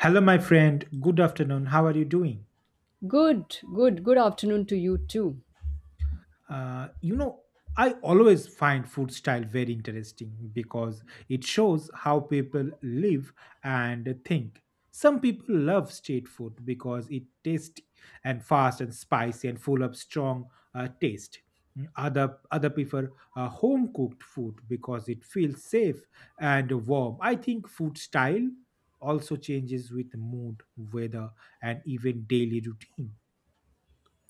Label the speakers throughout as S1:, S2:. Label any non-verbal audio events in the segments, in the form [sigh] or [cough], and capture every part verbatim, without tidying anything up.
S1: Hello, my friend. Good afternoon. How are you doing?
S2: Good, good, good afternoon to you too.
S1: Uh, you know, I always find food style very interesting because it shows how people live and think. Some people love street food because it tasty and fast and spicy and full of strong uh, taste. Mm, Other other prefer uh, home cooked food because it feels safe and warm. I think food style also changes with mood, weather, and even daily routine.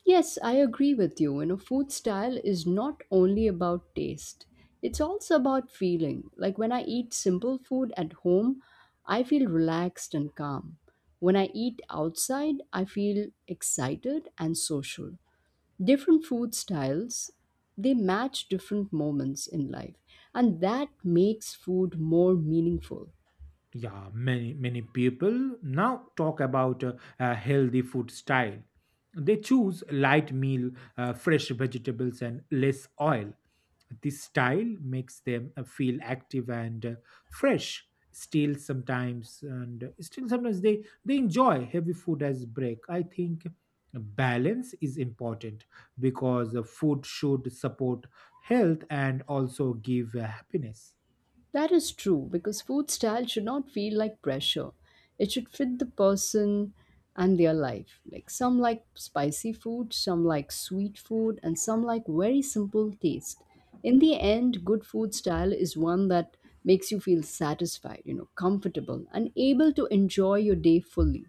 S2: Yes, I agree with you. You know, food style is not only about taste, it's also about feeling. Like when I eat simple food at home, I feel relaxed and calm. When I eat outside, I feel excited and social. Different food styles, they match different moments in life, and that makes food more meaningful.
S1: Yeah, many many people now talk about uh, a healthy food style. They choose light meal, uh, fresh vegetables and less oil. This style makes them uh, feel active and uh, fresh. Still sometimes and still sometimes they they enjoy heavy food as break. I think balance is important because uh, food should support health and also give uh, happiness.
S2: That is true because food style should not feel like pressure. It should fit the person and their life. Like some like spicy food, some like sweet food, and some like very simple taste. In the end, good food style is one that makes you feel satisfied, you know, comfortable and able to enjoy your day fully.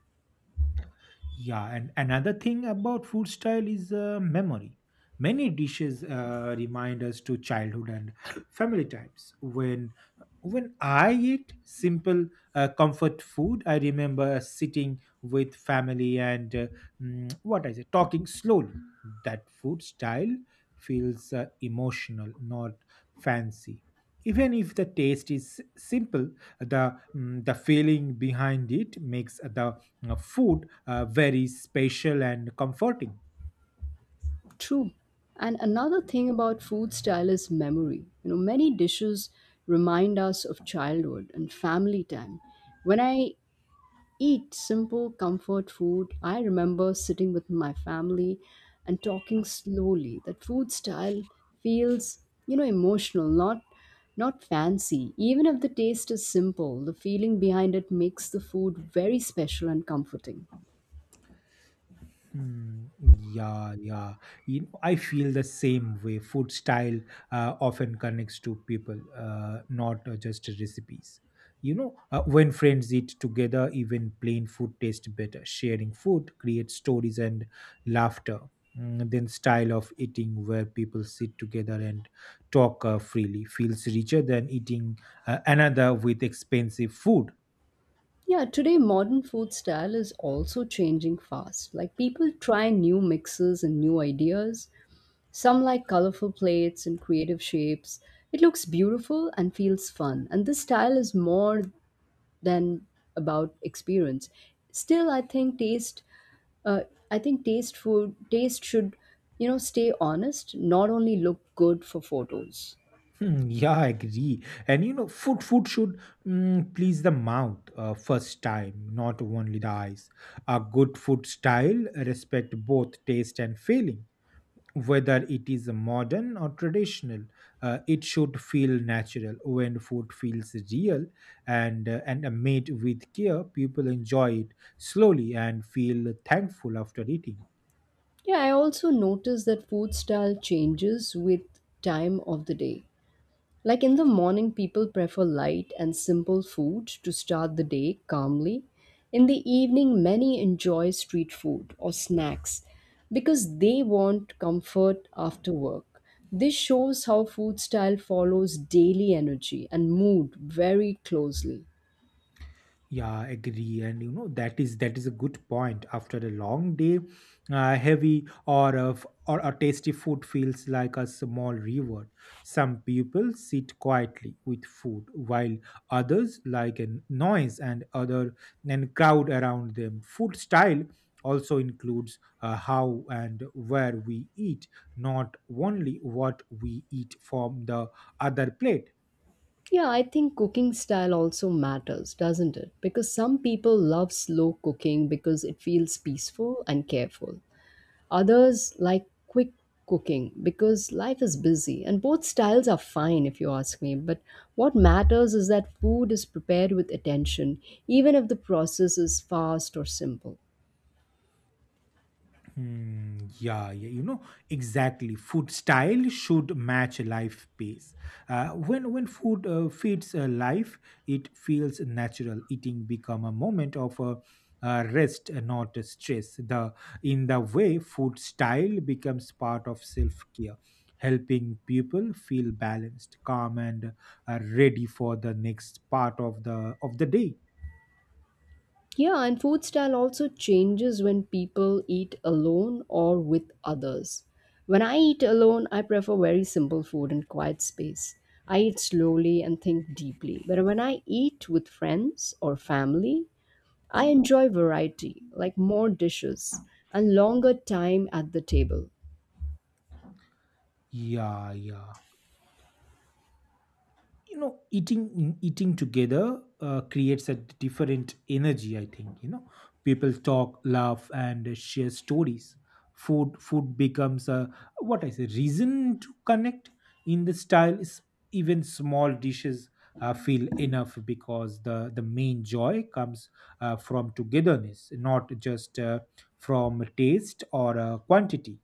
S1: Yeah, and another thing about food style is uh, memory. Many dishes uh, remind us to childhood and [clears throat] family times. When when I eat simple uh, comfort food, I remember sitting with family and uh, mm, what I say, talking slowly. That food style feels uh, emotional, not fancy. Even if the taste is simple, the mm, the feeling behind it makes the uh, food uh, very special and comforting.
S2: True. And another thing about food style is memory. You know, many dishes remind us of childhood and family time. When I eat simple comfort food. I remember sitting with my family and talking slowly. That food style feels, you know, emotional, not not fancy. Even if the taste is simple, the feeling behind it makes the food very special and comforting.
S1: Mm, yeah, yeah. You know, I feel the same way. Food style uh, often connects to people, uh, not uh, just recipes. You know, uh, when friends eat together, even plain food tastes better. Sharing food creates stories and laughter. Mm, then style of eating where people sit together and talk uh, freely feels richer than eating uh, another with expensive food.
S2: Yeah, today modern food style is also changing fast. Like people try new mixes and new ideas. Some like colorful plates and creative shapes. It looks beautiful and feels fun. And this style is more than about experience. Still, I think taste, uh, I think taste food taste should, you know, stay honest, not only look good for photos.
S1: Hmm. Yeah, I agree. And you know, food food should mm, please the mouth uh, first time, not only the eyes. A good food style respect both taste and feeling. Whether it is modern or traditional, uh, it should feel natural. When food feels real and uh, and made with care, people enjoy it slowly and feel thankful after eating.
S2: Yeah, I also noticed that food style changes with time of the day. Like in the morning, people prefer light and simple food to start the day calmly. In the evening, many enjoy street food or snacks because they want comfort after work. This shows how food style follows daily energy and mood very closely.
S1: Yeah, agree, and you know that is that is a good point. After a long day, uh, heavy or a, f- or a tasty food feels like a small reward. Some people sit quietly with food while others like a noise and other and crowd around them. Food style also includes uh, how and where we eat, not only what we eat from the other plate.
S2: Yeah, I think cooking style also matters, doesn't it? Because some people love slow cooking because it feels peaceful and careful. Others like quick cooking because life is busy, and both styles are fine if you ask me. But what matters is that food is prepared with attention, even if the process is fast or simple.
S1: Hmm. Yeah, yeah, you know exactly. Food style should match life pace. Uh, when when food uh, feeds uh, life, it feels natural. Eating become a moment of uh, uh, rest, uh, not uh, stress. The in the way food style becomes part of self care, helping people feel balanced, calm, and uh, ready for the next part of the of the day.
S2: Yeah, and food style also changes when people eat alone or with others. When I eat alone, I prefer very simple food and quiet space. I eat slowly and think deeply. But when I eat with friends or family, I enjoy variety, like more dishes and longer time at the table.
S1: Yeah, yeah. You know, eating eating together uh, creates a different energy, I think. You know, people talk, laugh and share stories. Food food becomes a, what I say, reason to connect. In the style is, even small dishes uh, feel enough because the the main joy comes uh, from togetherness, not just uh, from taste or uh, quantity.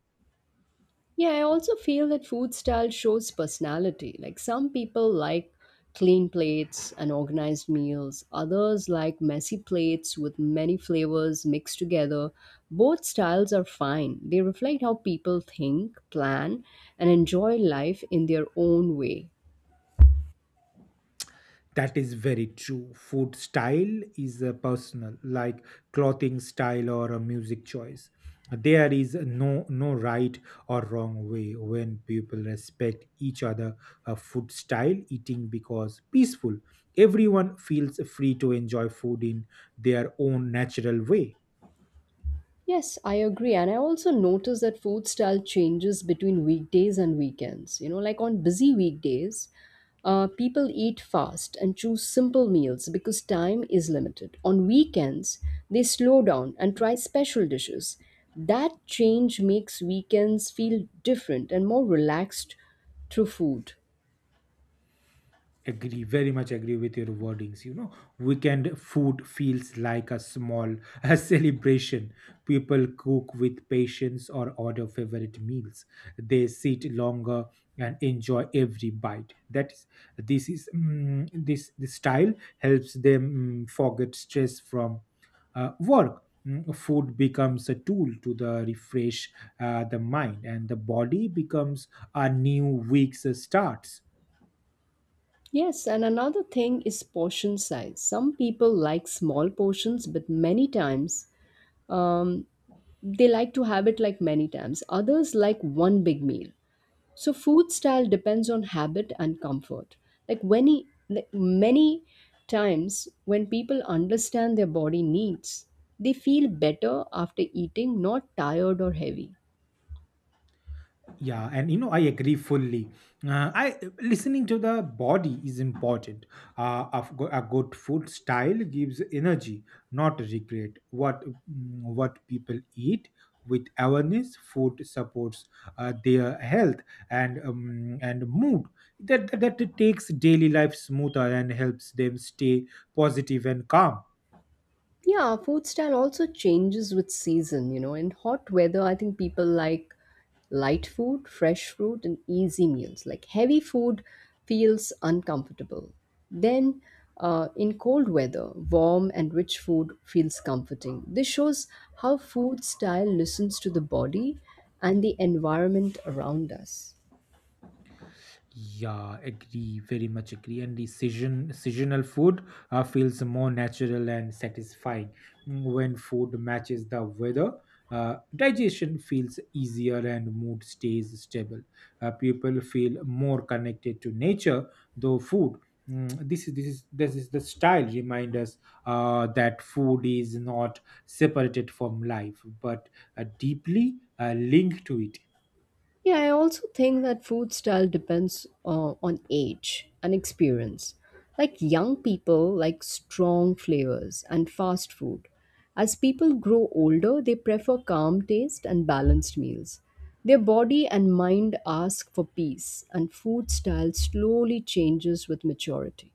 S2: Yeah, I also feel that food style shows personality. Like some people like clean plates and organized meals, others like messy plates with many flavors mixed together. Both styles are fine. They reflect how people think, plan, and enjoy life in their own way.
S1: That is very true. Food style is uh, personal, like clothing style or a music choice. There is no no right or wrong way. When people respect each other uh, food style eating because peaceful, everyone feels free to enjoy food in their own natural way.
S2: Yes, I agree. And I also notice that food style changes between weekdays and weekends. You know, like on busy weekdays, uh, people eat fast and choose simple meals because time is limited. On weekends, they slow down and try special dishes. That change makes weekends feel different and more relaxed through food.
S1: Agree, very much agree with your wordings. You know, weekend food feels like a small [laughs] a celebration. People cook with patience or order favorite meals. They sit longer and enjoy every bite. That is this is mm, this this style helps them, mm, forget stress from uh, work. Mm, food becomes a tool to the refresh uh, the mind, and the body becomes a new week's start.
S2: Yes, and another thing is portion size. Some people like small portions, but many times, um, they like to have it, like many times others like one big meal. So food style depends on habit and comfort. Like when he, like many times when people understand their body needs, they feel better after eating, not tired or heavy.
S1: Yeah, and you know, I agree fully. uh, i listening to the body is important. Uh, a, f- a good food style gives energy, not regret. What mm, what people eat with awareness, food supports uh, their health and um, and mood. That, that that takes daily life smoother and helps them stay positive and calm.
S2: Yeah, food style also changes with season, you know. In hot weather, I think people like light food, fresh fruit, and easy meals. Like heavy food feels uncomfortable. Then, uh, in cold weather, warm and rich food feels comforting. This shows how food style listens to the body and the environment around us.
S1: Yeah, agree, very much agree. And the season, seasonal food uh, feels more natural and satisfying. Mm, when food matches the weather, Uh, digestion feels easier and mood stays stable. Uh, people feel more connected to nature, though food. mm, This is this is this is the style remind us uh, that food is not separated from life, but uh, deeply uh, linked to it.
S2: Yeah, I also think that food style depends uh, on age and experience. Like young people like strong flavors and fast food. As people grow older, they prefer calm taste and balanced meals. Their body and mind ask for peace, and food style slowly changes with maturity.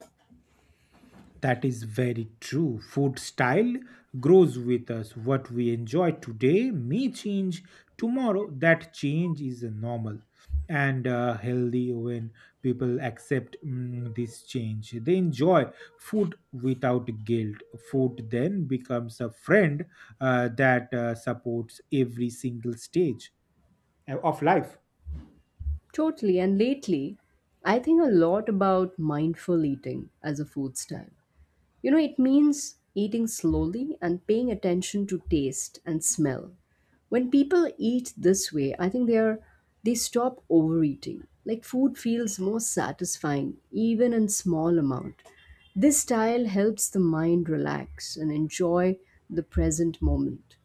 S1: That is very true. Food style grows with us. What we enjoy today may change tomorrow. That change is normal and uh, healthy. When people accept mm, this change, they enjoy food without guilt. Food then becomes a friend uh, that uh, supports every single stage uh, of life.
S2: Totally, and lately, I think a lot about mindful eating as a food style. You know, it means eating slowly and paying attention to taste and smell. When people eat this way, I think they are they stop overeating. Like food feels more satisfying even in small amount. This style helps the mind relax and enjoy the present moment.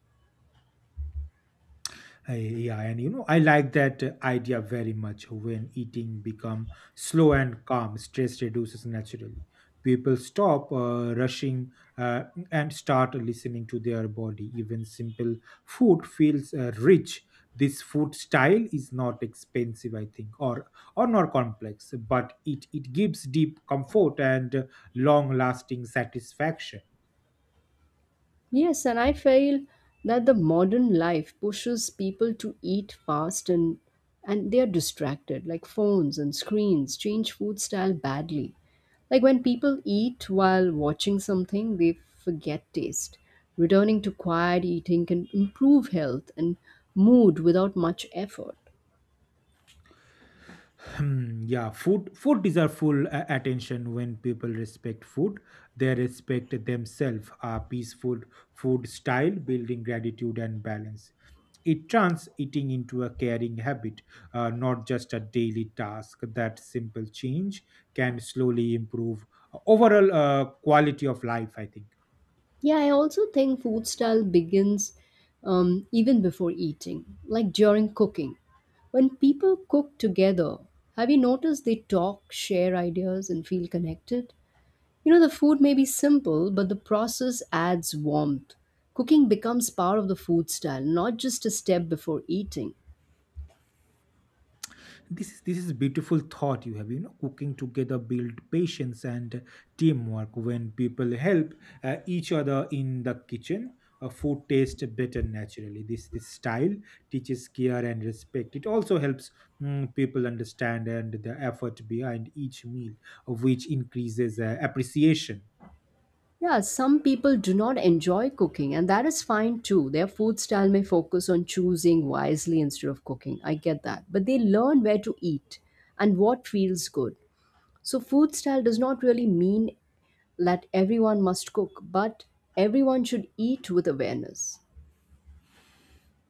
S1: Uh, yeah, and you know, I like that uh, idea very much. When eating become slow and calm, stress reduces naturally. People stop uh, rushing uh, and start listening to their body. Even simple food feels uh, rich. This food style is not expensive, I think, or or not complex, but it it gives deep comfort and long lasting satisfaction.
S2: Yes, and I feel that the modern life pushes people to eat fast, and and they are distracted, like phones and screens change food style badly. Like when people eat while watching something, they forget taste. Returning to quiet eating can improve health and mood without much effort.
S1: Hmm, yeah, food food deserve full uh, attention. When people respect food, they respect themselves. A peaceful food style building gratitude and balance. It turns eating into a caring habit, uh, not just a daily task. That simple change can slowly improve overall uh, quality of life, I think.
S2: Yeah, I also think food style begins, um, even before eating, like during cooking. When people cook together, have you noticed they talk, share ideas, and feel connected? You know, the food may be simple, but the process adds warmth. Cooking becomes part of the food style, not just a step before eating.
S1: this is this is beautiful thought you have. You know, cooking together build patience and teamwork. When people help uh, each other in the kitchen, uh, food tastes better naturally. This this style teaches care and respect. It also helps, mm, people understand and the effort behind each meal, of which increases uh, appreciation.
S2: Yeah, some people do not enjoy cooking, and that is fine too. Their food style may focus on choosing wisely instead of cooking. I get that. But they learn where to eat and what feels good. So, food style does not really mean that everyone must cook, but everyone should eat with awareness.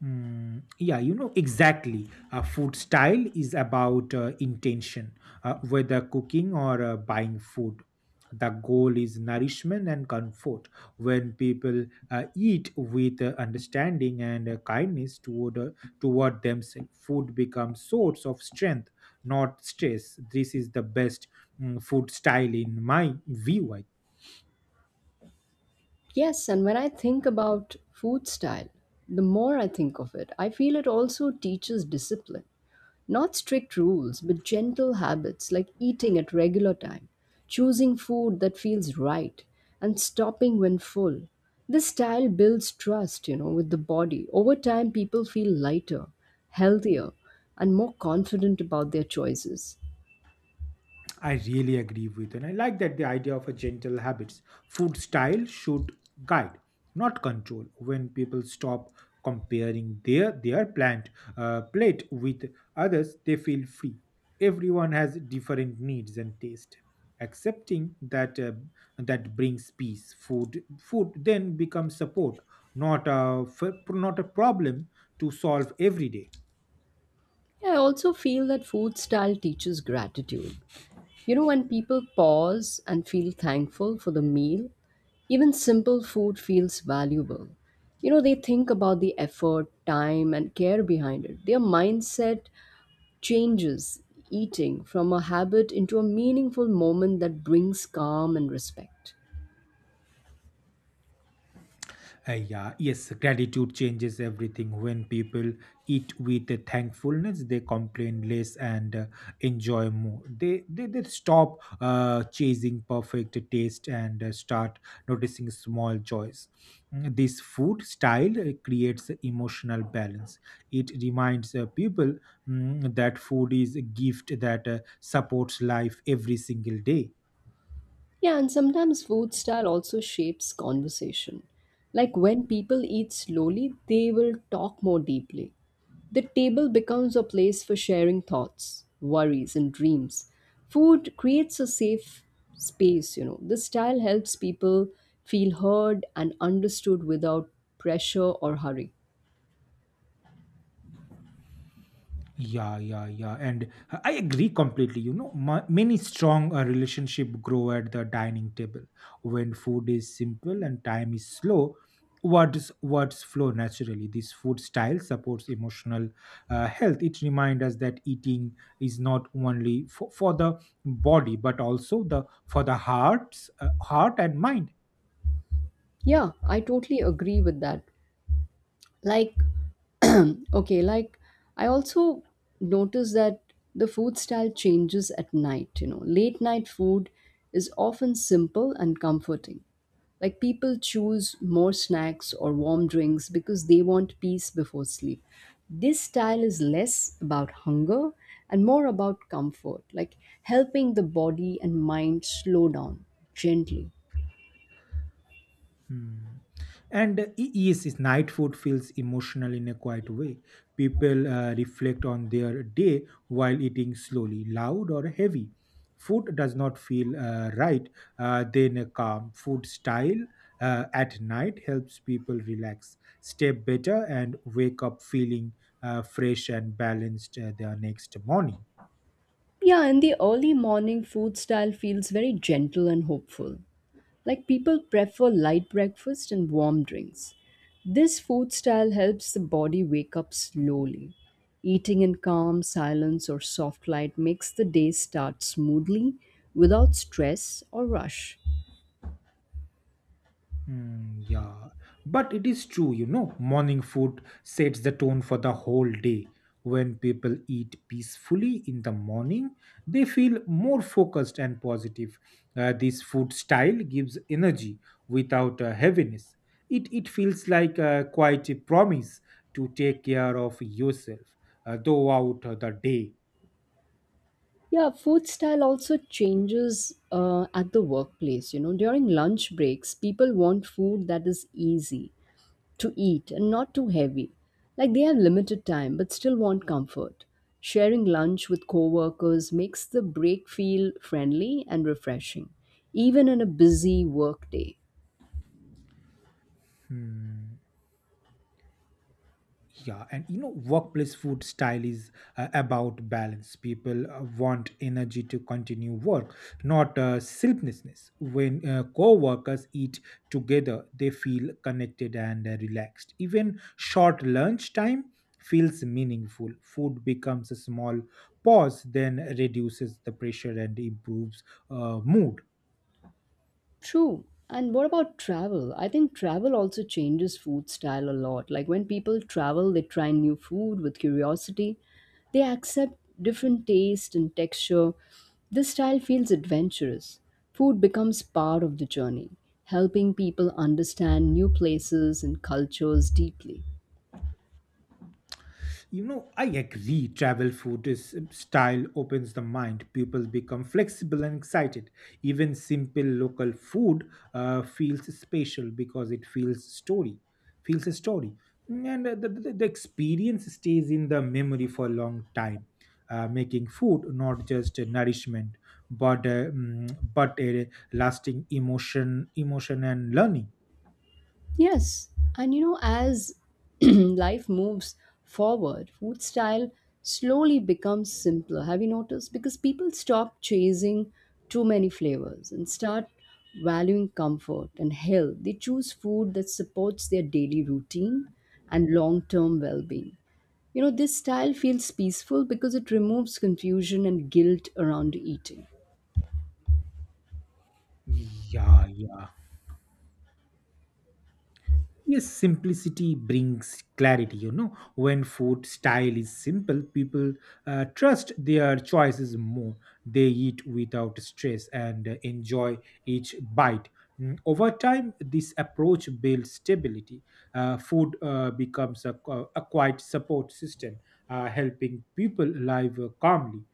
S1: Mm, yeah, you know exactly. Uh, food style is about uh, intention, uh, whether cooking or uh, buying food. The goal is nourishment and comfort. When people uh, eat with uh, understanding and uh, kindness toward uh, toward themselves, food becomes source of strength, not stress. This is the best, mm, food style in my view. I
S2: Yes, and when I think about food style, the more I think of it, I feel it also teaches discipline. Not strict rules, but gentle habits like eating at regular time, choosing food that feels right, and stopping when full. This style builds trust, you know, with the body. Over time, people feel lighter, healthier, and more confident about their choices.
S1: I really agree with, and I like that the idea of a gentle habits. Food style should guide, not control. When people stop comparing their their plant uh, plate with others, they feel free. Everyone has different needs and taste. Accepting that uh, that brings peace. Food food then becomes support, not a f- not a problem to solve every day.
S2: I also feel that food style teaches gratitude. You know, when people pause and feel thankful for the meal, even simple food feels valuable. You know, they think about the effort, time, and care behind it. Their mindset changes eating from a habit into a meaningful moment that brings calm and respect.
S1: Uh, yeah, yes, gratitude changes everything. When people eat with a thankfulness, they complain less and uh, enjoy more. They they, they stop uh, chasing perfect taste and uh, start noticing small joys. Mm, this food style uh, creates emotional balance. It reminds uh, people, mm, that food is a gift that uh, supports life every single day.
S2: Yeah, and sometimes food style also shapes conversation. Like when people eat slowly, they will talk more deeply. The table becomes a place for sharing thoughts, worries, and dreams. Food creates a safe space, you know. This style helps people feel heard and understood without pressure or hurry.
S1: Yeah, yeah, yeah. And I agree completely. You know, ma- many strong uh, relationship grow at the dining table. When food is simple and time is slow, Words words flow naturally. This food style supports emotional uh, health. It reminds us that eating is not only for, for the body, but also the for the hearts, uh, heart and mind.
S2: Yeah, I totally agree with that. Like [clears throat] okay, like I also notice that the food style changes at night. You know, late night food is often simple and comforting. Like people choose more snacks or warm drinks because they want peace before sleep. This style is less about hunger and more about comfort, like helping the body and mind slow down gently.
S1: Hmm. And uh, y- yes, yes, night food feels emotional in a quiet way. People uh, reflect on their day while eating slowly, loud or heavy. Food does not feel uh, right. Uh, then a calm food style uh, at night helps people relax, sleep better, and wake up feeling uh, fresh and balanced uh, the next morning.
S2: Yeah, in the early morning food style feels very gentle and hopeful. Like people prefer light breakfast and warm drinks. This food style helps the body wake up slowly. Eating in calm silence or soft light makes the day start smoothly without stress or rush.
S1: Hmm. Yeah, but it is true, you know, morning food sets the tone for the whole day. When people eat peacefully in the morning, they feel more focused and positive. Uh, this food style gives energy without uh, heaviness. It, it feels like uh, quite a promise to take care of yourself uh, throughout the day.
S2: Yeah, food style also changes uh, at the workplace. You know, during lunch breaks, people want food that is easy to eat and not too heavy. Like they have limited time but still want comfort. Sharing lunch with coworkers makes the break feel friendly and refreshing, even in a busy work day.
S1: Hmm. Yeah, and you know, workplace food style is uh, about balance. People uh, want energy to continue work, not uh, sleeplessness. When uh, co-workers eat together, they feel connected and uh, relaxed. Even short lunch time feels meaningful. Food becomes a small pause, then reduces the pressure and improves uh, mood.
S2: True. And what about travel? I think travel also changes food style a lot. Like when people travel, they try new food with curiosity. They accept different taste and texture. This style feels adventurous. Food becomes part of the journey, helping people understand new places and cultures deeply.
S1: You know, I agree. Travel food is uh, style opens the mind. People become flexible and excited. Even simple local food uh, feels special because it feels story, feels a story, and uh, the, the, the experience stays in the memory for a long time. Uh, making food not just a nourishment, but uh, mm, but a lasting emotion, emotion and learning.
S2: Yes, and you know, as [clears throat] life moves forward, food style slowly becomes simpler. Have you noticed? Because people stop chasing too many flavors and start valuing comfort and health. They choose food that supports their daily routine and long term well being. You know, this style feels peaceful because it removes confusion and guilt around eating.
S1: Yeah, yeah. Yes, simplicity brings clarity. You know, when food style is simple, people uh, trust their choices more. They eat without stress and uh, enjoy each bite. Mm, over time, this approach builds stability. Uh, food uh, becomes a, qu- a quiet support system, uh, helping people live uh, calmly,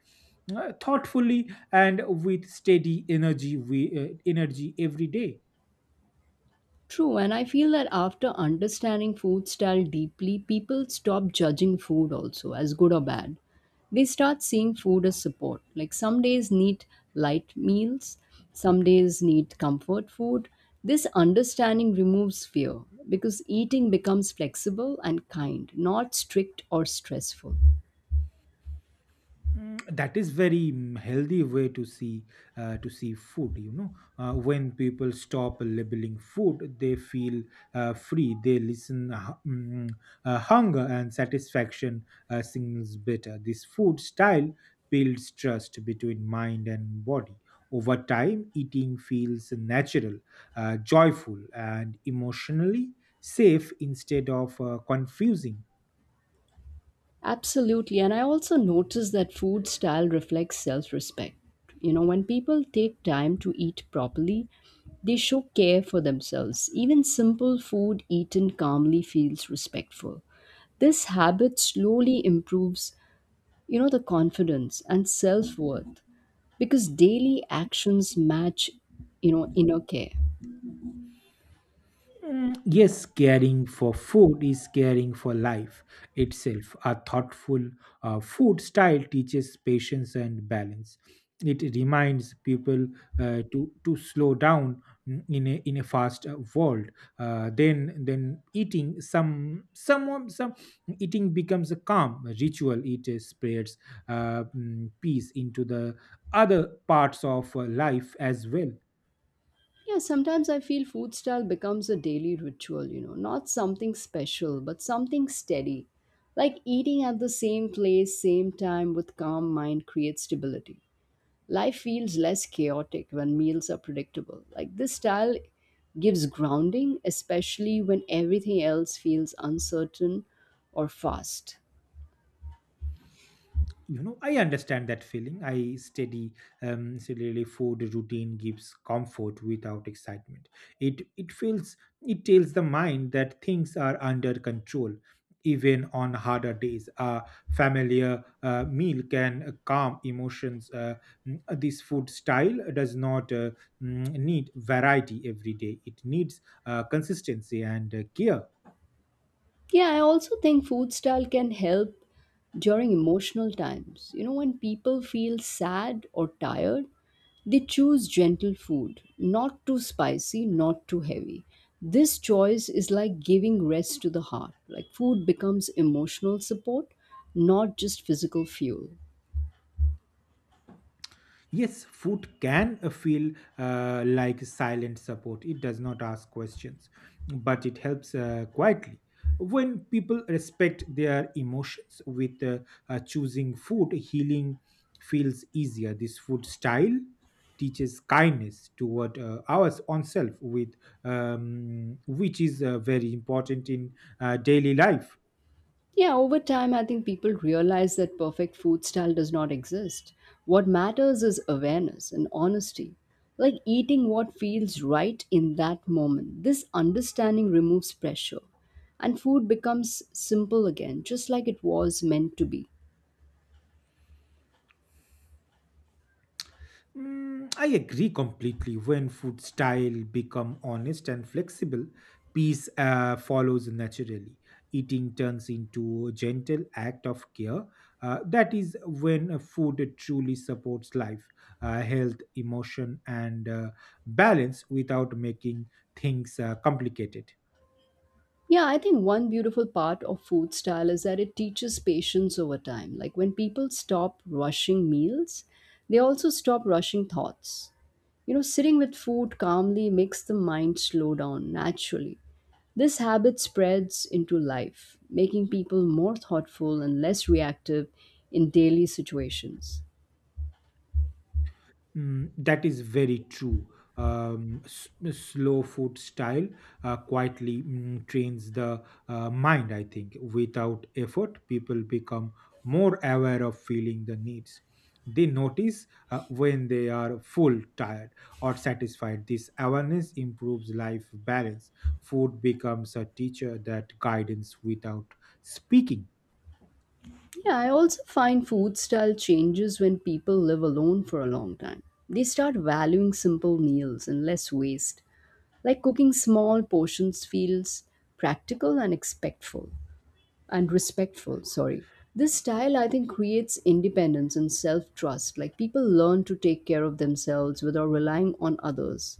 S1: uh, thoughtfully, and with steady energy, we, uh, energy every day.
S2: True, and I feel that after understanding food style deeply, people stop judging food also as good or bad. They start seeing food as support. Like some days need light meals, some days need comfort food. This understanding removes fear because eating becomes flexible and kind, not strict or stressful.
S1: Mm, that is very mm, healthy way to see uh, to see food you know uh, when people stop labeling food they feel uh, free. They listen uh, hu- mm, mm, uh, hunger and satisfaction uh, sings better. This food style builds trust between mind and body. Over time eating feels natural, uh, joyful and emotionally safe instead of uh, confusing.
S2: Absolutely. And I also notice that food style reflects self respect. You know, when people take time to eat properly, they show care for themselves. Even simple food eaten calmly feels respectful. This habit slowly improves, you know, the confidence and self worth because daily actions match, you know, inner care.
S1: Yes, caring for food is caring for life itself. A thoughtful uh, food style teaches patience and balance. It reminds people uh, to to slow down mm, in a in a fast uh, world. Uh, then then eating some someone some Eating becomes a calm ritual. It uh, spreads uh, mm, peace into the other parts of uh, life as well.
S2: Yeah, sometimes I feel food style becomes a daily ritual, you know, not something special, but something steady. Like eating at the same place, same time with calm mind creates stability. Life feels less chaotic when meals are predictable. Like this style gives grounding, especially when everything else feels uncertain or fast.
S1: You know, I understand that feeling. I steady um steadily food routine gives comfort without excitement. it it feels it tells the mind that things are under control. Even on harder days a familiar uh, meal can calm emotions. Uh, mm, this food style does not uh, mm, need variety every day. It needs uh, consistency and uh, care.
S2: Yeah, I also think food style can help during emotional times. You know, when people feel sad or tired, they choose gentle food, not too spicy, not too heavy. This choice is like giving rest to the heart. Like food becomes emotional support, not just physical fuel.
S1: Yes, food can uh, feel uh, like silent support. It does not ask questions, but it helps uh, quietly. When people respect their emotions with uh, uh, choosing food, healing feels easier. This food style teaches kindness toward uh, ours oneself, with um, which is uh, very important in uh, daily life.
S2: Yeah, over time, I think people realize that perfect food style does not exist. What matters is awareness and honesty, like eating what feels right in that moment. This understanding removes pressure, and food becomes simple again, just like it was meant to be.
S1: Mm, I agree completely. When food style become honest and flexible, peace uh, follows naturally. Eating turns into a gentle act of care. Uh, that is when a food truly supports life, uh, health, emotion, and uh, balance without making things uh, complicated.
S2: Yeah, I think one beautiful part of food style is that it teaches patience over time. Like when people stop rushing meals, they also stop rushing thoughts. You know, sitting with food calmly makes the mind slow down naturally. This habit spreads into life, making people more thoughtful and less reactive in daily situations.
S1: Mm, that is very true. Um, s- slow food style uh, quietly mm, trains the uh, mind, I think. Without effort, people become more aware of feeling the needs. They notice uh, when they are full, tired, or satisfied. This awareness improves life balance. Food becomes a teacher that guidance without speaking.
S2: Yeah, I also find food style changes when people live alone for a long time. They start valuing simple meals and less waste. Like cooking small portions feels practical and expectful and respectful, sorry. This style, I think, creates independence and self-trust. Like people learn to take care of themselves without relying on others.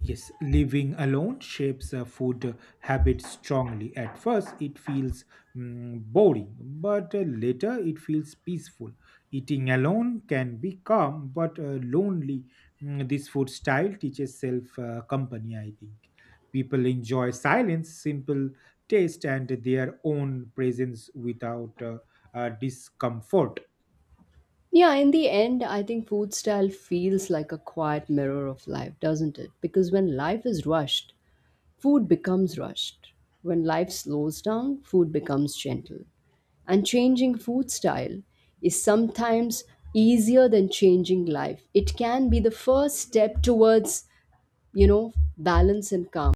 S1: Yes, living alone shapes a food uh, habit strongly. At first, it feels mm, boring, but uh, later it feels peaceful. Eating alone can be calm but uh, lonely. Mm, this food style teaches self uh, company, I think. People enjoy silence, simple taste, and their own presence without uh, uh, discomfort.
S2: Yeah, in the end, I think food style feels like a quiet mirror of life, doesn't it? Because when life is rushed, food becomes rushed. When life slows down, food becomes gentle. And changing food style is sometimes easier than changing life. It can be the first step towards, you know, balance and calm.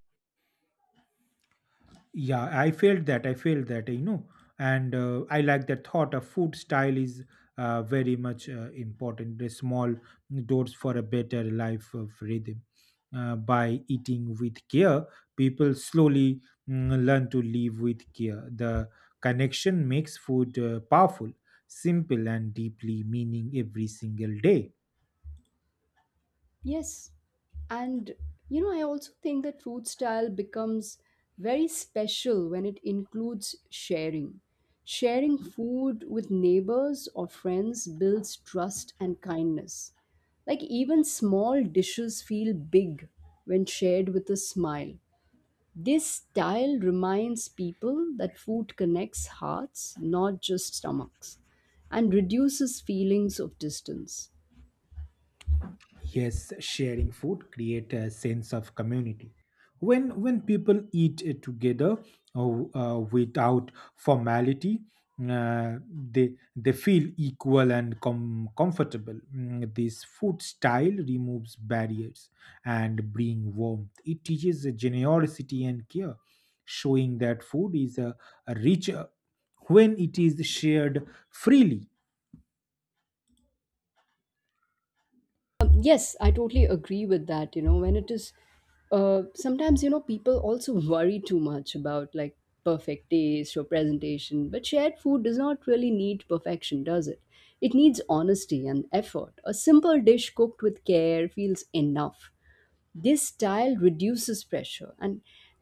S1: Yeah, I felt that. I felt that, you know, and uh, I like that thought. A food style is uh, very much uh, important. The small doors for a better life of rhythm. Uh, by eating with care, people slowly mm, learn to live with care. The connection makes food uh, powerful, simple, and deeply meaning every single day.
S2: Yes. And, you know, I also think that food style becomes very special when it includes sharing. Sharing food with neighbors or friends builds trust and kindness. Like, even small dishes feel big when shared with a smile. This style reminds people that food connects hearts, not just stomachs, and reduces feelings of distance.
S1: Yes, sharing food create a sense of community. When when people eat uh, together uh, uh, without formality, uh, they they feel equal and com- comfortable. Mm, This food style removes barriers and bring warmth. It teaches generosity and care, showing that food is a, a richer when it is shared freely.
S2: Um, yes, I totally agree with that. You know, when it is uh, sometimes, you know, people also [laughs] worry too much about like perfect taste or presentation, but shared food does not really need perfection, does it? It needs honesty and effort. A simple dish cooked with care feels enough. This style reduces pressure and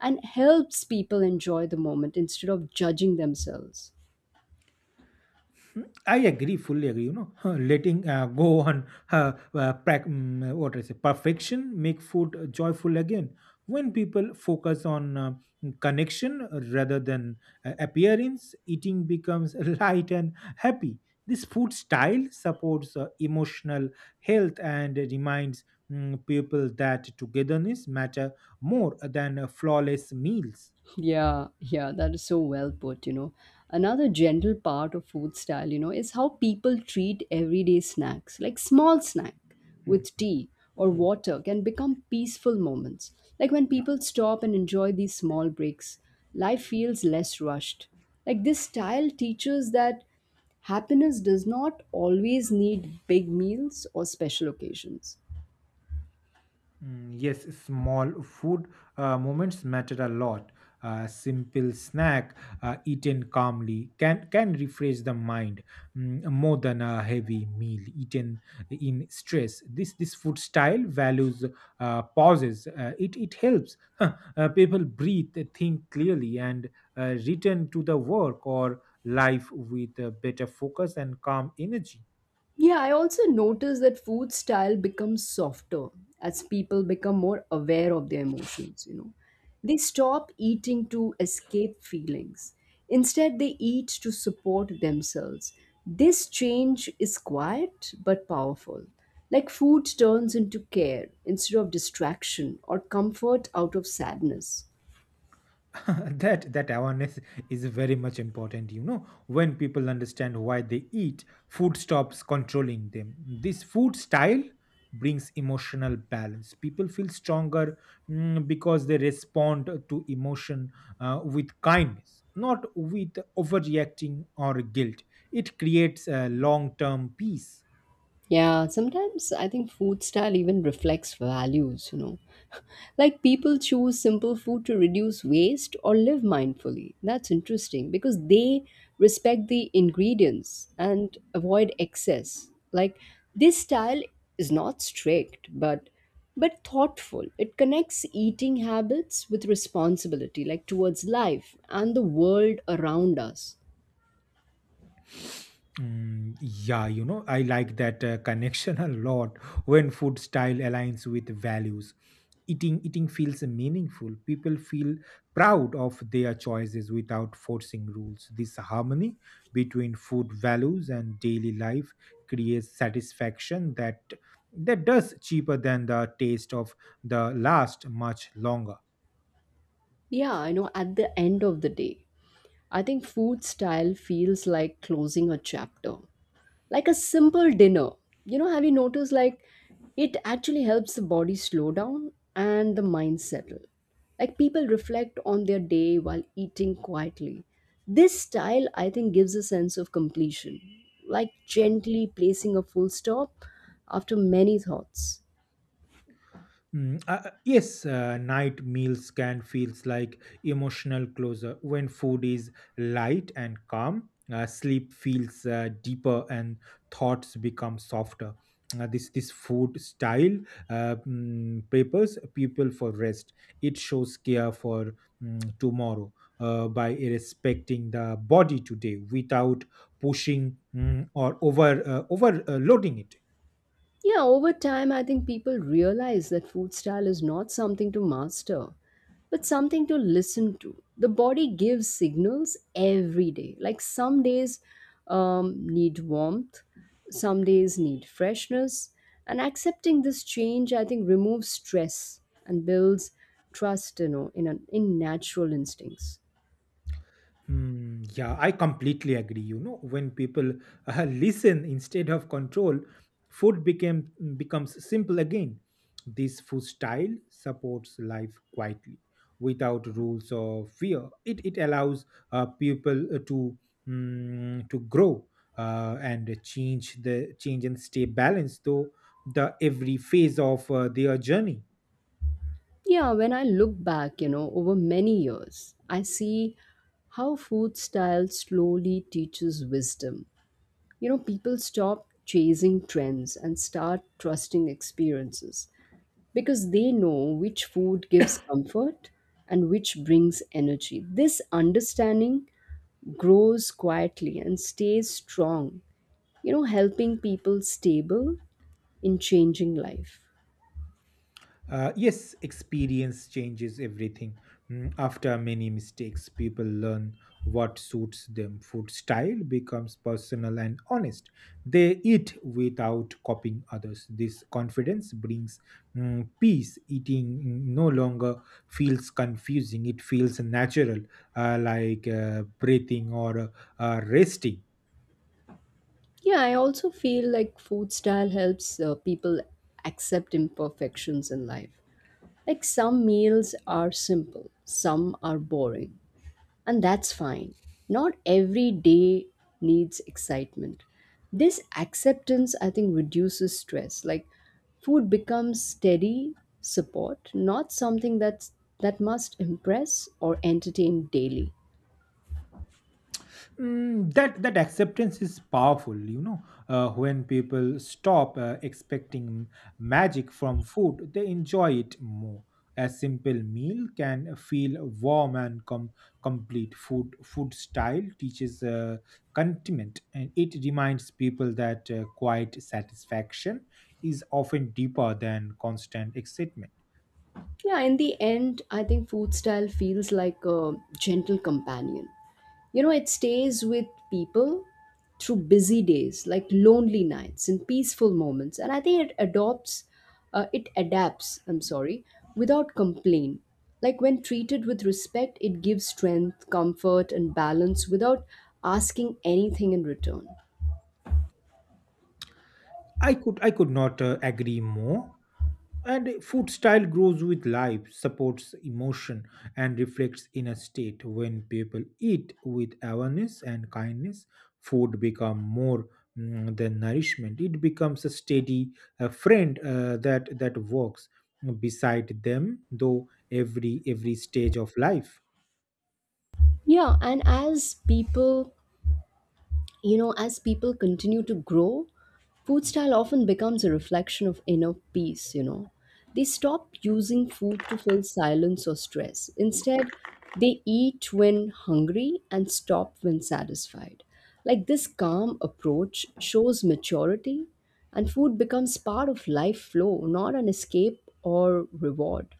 S2: and helps people enjoy the moment instead of judging themselves.
S1: I agree, fully agree. You know, [laughs] letting uh, go on uh, uh, prac- mm, what is it, perfection make food joyful again. When people focus on uh, connection rather than uh, appearance, eating becomes [laughs] light and happy. This food style supports uh, emotional health and reminds mm, people that togetherness matter more than uh, flawless meals.
S2: Yeah, yeah, that is so well put, you know. Another general part of food style, you know, is how people treat everyday snacks. Like small snack
S1: Mm.
S2: with tea or water can become peaceful moments. Like when people stop and enjoy these small breaks, life feels less rushed. Like this style teaches that happiness does not always need big meals or special occasions.
S1: Mm, Yes, small food uh, moments matter a lot. A simple snack uh, eaten calmly can can refresh the mind mm, more than a heavy meal eaten in stress. This this food style values uh, pauses. Uh, it it helps [laughs] uh, people breathe, think clearly, and uh, return to the work or life with a better focus and calm energy.
S2: Yeah, I also notice that food style becomes softer as people become more aware of their emotions, you know. They stop eating to escape feelings. Instead, they eat to support themselves. This change is quiet but powerful. Like food turns into care instead of distraction or comfort out of sadness.
S1: [laughs] that that awareness is very much important. You know, when people understand why they eat, food stops controlling them. This food style brings emotional balance. People feel stronger mm, because they respond to emotion uh, with kindness, not with overreacting or guilt. It creates a long term peace.
S2: Yeah, sometimes I think food style even reflects values, you know. [laughs] Like people choose simple food to reduce waste or live mindfully. That's interesting because they respect the ingredients and avoid excess. Like this style is not strict, but but thoughtful. It connects eating habits with responsibility, like towards life and the world around us.
S1: Mm, yeah, you know, I like that uh, connection a lot. When food style aligns with values, Eating eating feels meaningful. People feel proud of their choices without forcing rules. This harmony between food values and daily life creates satisfaction that that does cheaper than the taste of the last much longer.
S2: Yeah, I know at the end of the day, I think food style feels like closing a chapter, like a simple dinner. You know, have you noticed like it actually helps the body slow down and the mind settle? Like people reflect on their day while eating quietly. This style, I think, gives a sense of completion, like gently placing a full stop after many thoughts.
S1: Mm, uh, uh, yes, uh, night meals can feels like emotional closure. When food is light and calm, uh, sleep feels uh, deeper and thoughts become softer. Uh, this this food style uh, mm, prepares people for rest. It shows care for mm, tomorrow uh, by respecting the body today without pushing mm, or over uh, overloading it.
S2: Yeah, over time, I think people realize that food style is not something to master, but something to listen to. The body gives signals every day. Like some days um, need warmth, some days need freshness. And accepting this change, I think, removes stress and builds trust, you know, in, an, in natural instincts.
S1: Hmm, yeah, I completely agree. You know, when people uh, [laughs] listen instead of control, food became becomes simple again. This food style supports life quietly without rules or fear. It it allows uh, people uh, to mm, to grow uh, and change the change and stay balanced though the every phase of uh, their journey.
S2: Yeah, when I look back, you know, over many years, I see how food style slowly teaches wisdom. You know, people stop chasing trends and start trusting experiences because they know which food gives comfort and which brings energy. This understanding grows quietly and stays strong, you know, helping people stable in changing life.
S1: Uh, yes, experience changes everything. Mm, After many mistakes, people learn what suits them. Food style becomes personal and honest. They eat without copying others. This confidence brings mm, peace. Eating mm, no longer feels confusing, it feels natural, uh, like uh, breathing or uh, uh, resting.
S2: Yeah, I also feel like food style helps uh, people accept imperfections in life. Like some meals are simple, some are boring, and that's fine. Not every day needs excitement. This acceptance, I think, reduces stress. Like food becomes steady support, not something that's that must impress or entertain daily.
S1: Mm, that that acceptance is powerful. You know, uh, when people stop uh, expecting magic from food they enjoy it more. A simple meal can feel warm and com- complete. Food food style teaches uh, contentment and it reminds people that uh, quiet satisfaction is often deeper than constant excitement.
S2: Yeah, in the end, I think food style feels like a gentle companion. You know, it stays with people through busy days, like lonely nights and peaceful moments. And I think it adopts, uh, it adapts, I'm sorry, without complaint. Like when treated with respect, it gives strength, comfort, and balance without asking anything in return.
S1: I could i could not uh, agree more. And food style grows with life, supports emotion, and reflects inner state. When people eat with awareness and kindness, food become more mm, than nourishment. It becomes a steady uh, friend uh, that that works beside them, though every every stage of life.
S2: Yeah, and as people You know, as people continue to grow, food style often becomes a reflection of inner peace, you know. They stop using food to fill silence or stress. Instead, they eat when hungry and stop when satisfied. Like this calm approach shows maturity, and food becomes part of life flow, not an escape or reward.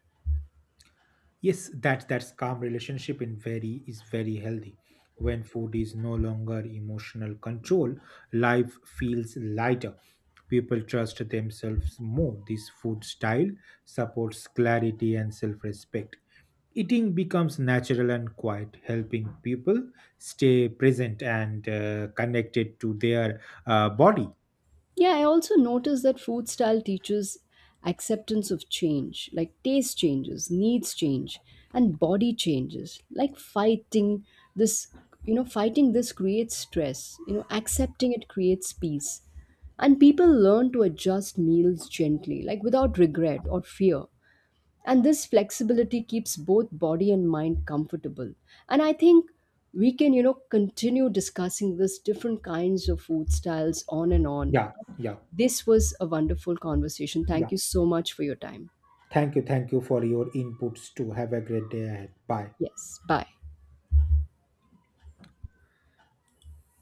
S1: Yes, that that's calm relationship in very is very healthy. When food is no longer emotional control, life feels lighter. People trust themselves more. This food style supports clarity and self-respect. Eating becomes natural and quiet, helping people stay present and uh, connected to their uh, body.
S2: Yeah, I also noticed that food style teaches acceptance of change, like taste changes, needs change, and body changes. Like fighting this, you know, fighting this creates stress, you know, accepting it creates peace. And people learn to adjust meals gently, like without regret or fear. And this flexibility keeps both body and mind comfortable. And I think we can, you know, continue discussing this different kinds of food styles on and on.
S1: Yeah, yeah,
S2: This was a wonderful conversation.
S1: yeah.
S2: Thank you so much for your time.
S1: Thank you, thank you for your inputs too. Have a great day ahead. Bye.
S2: Yes. Bye.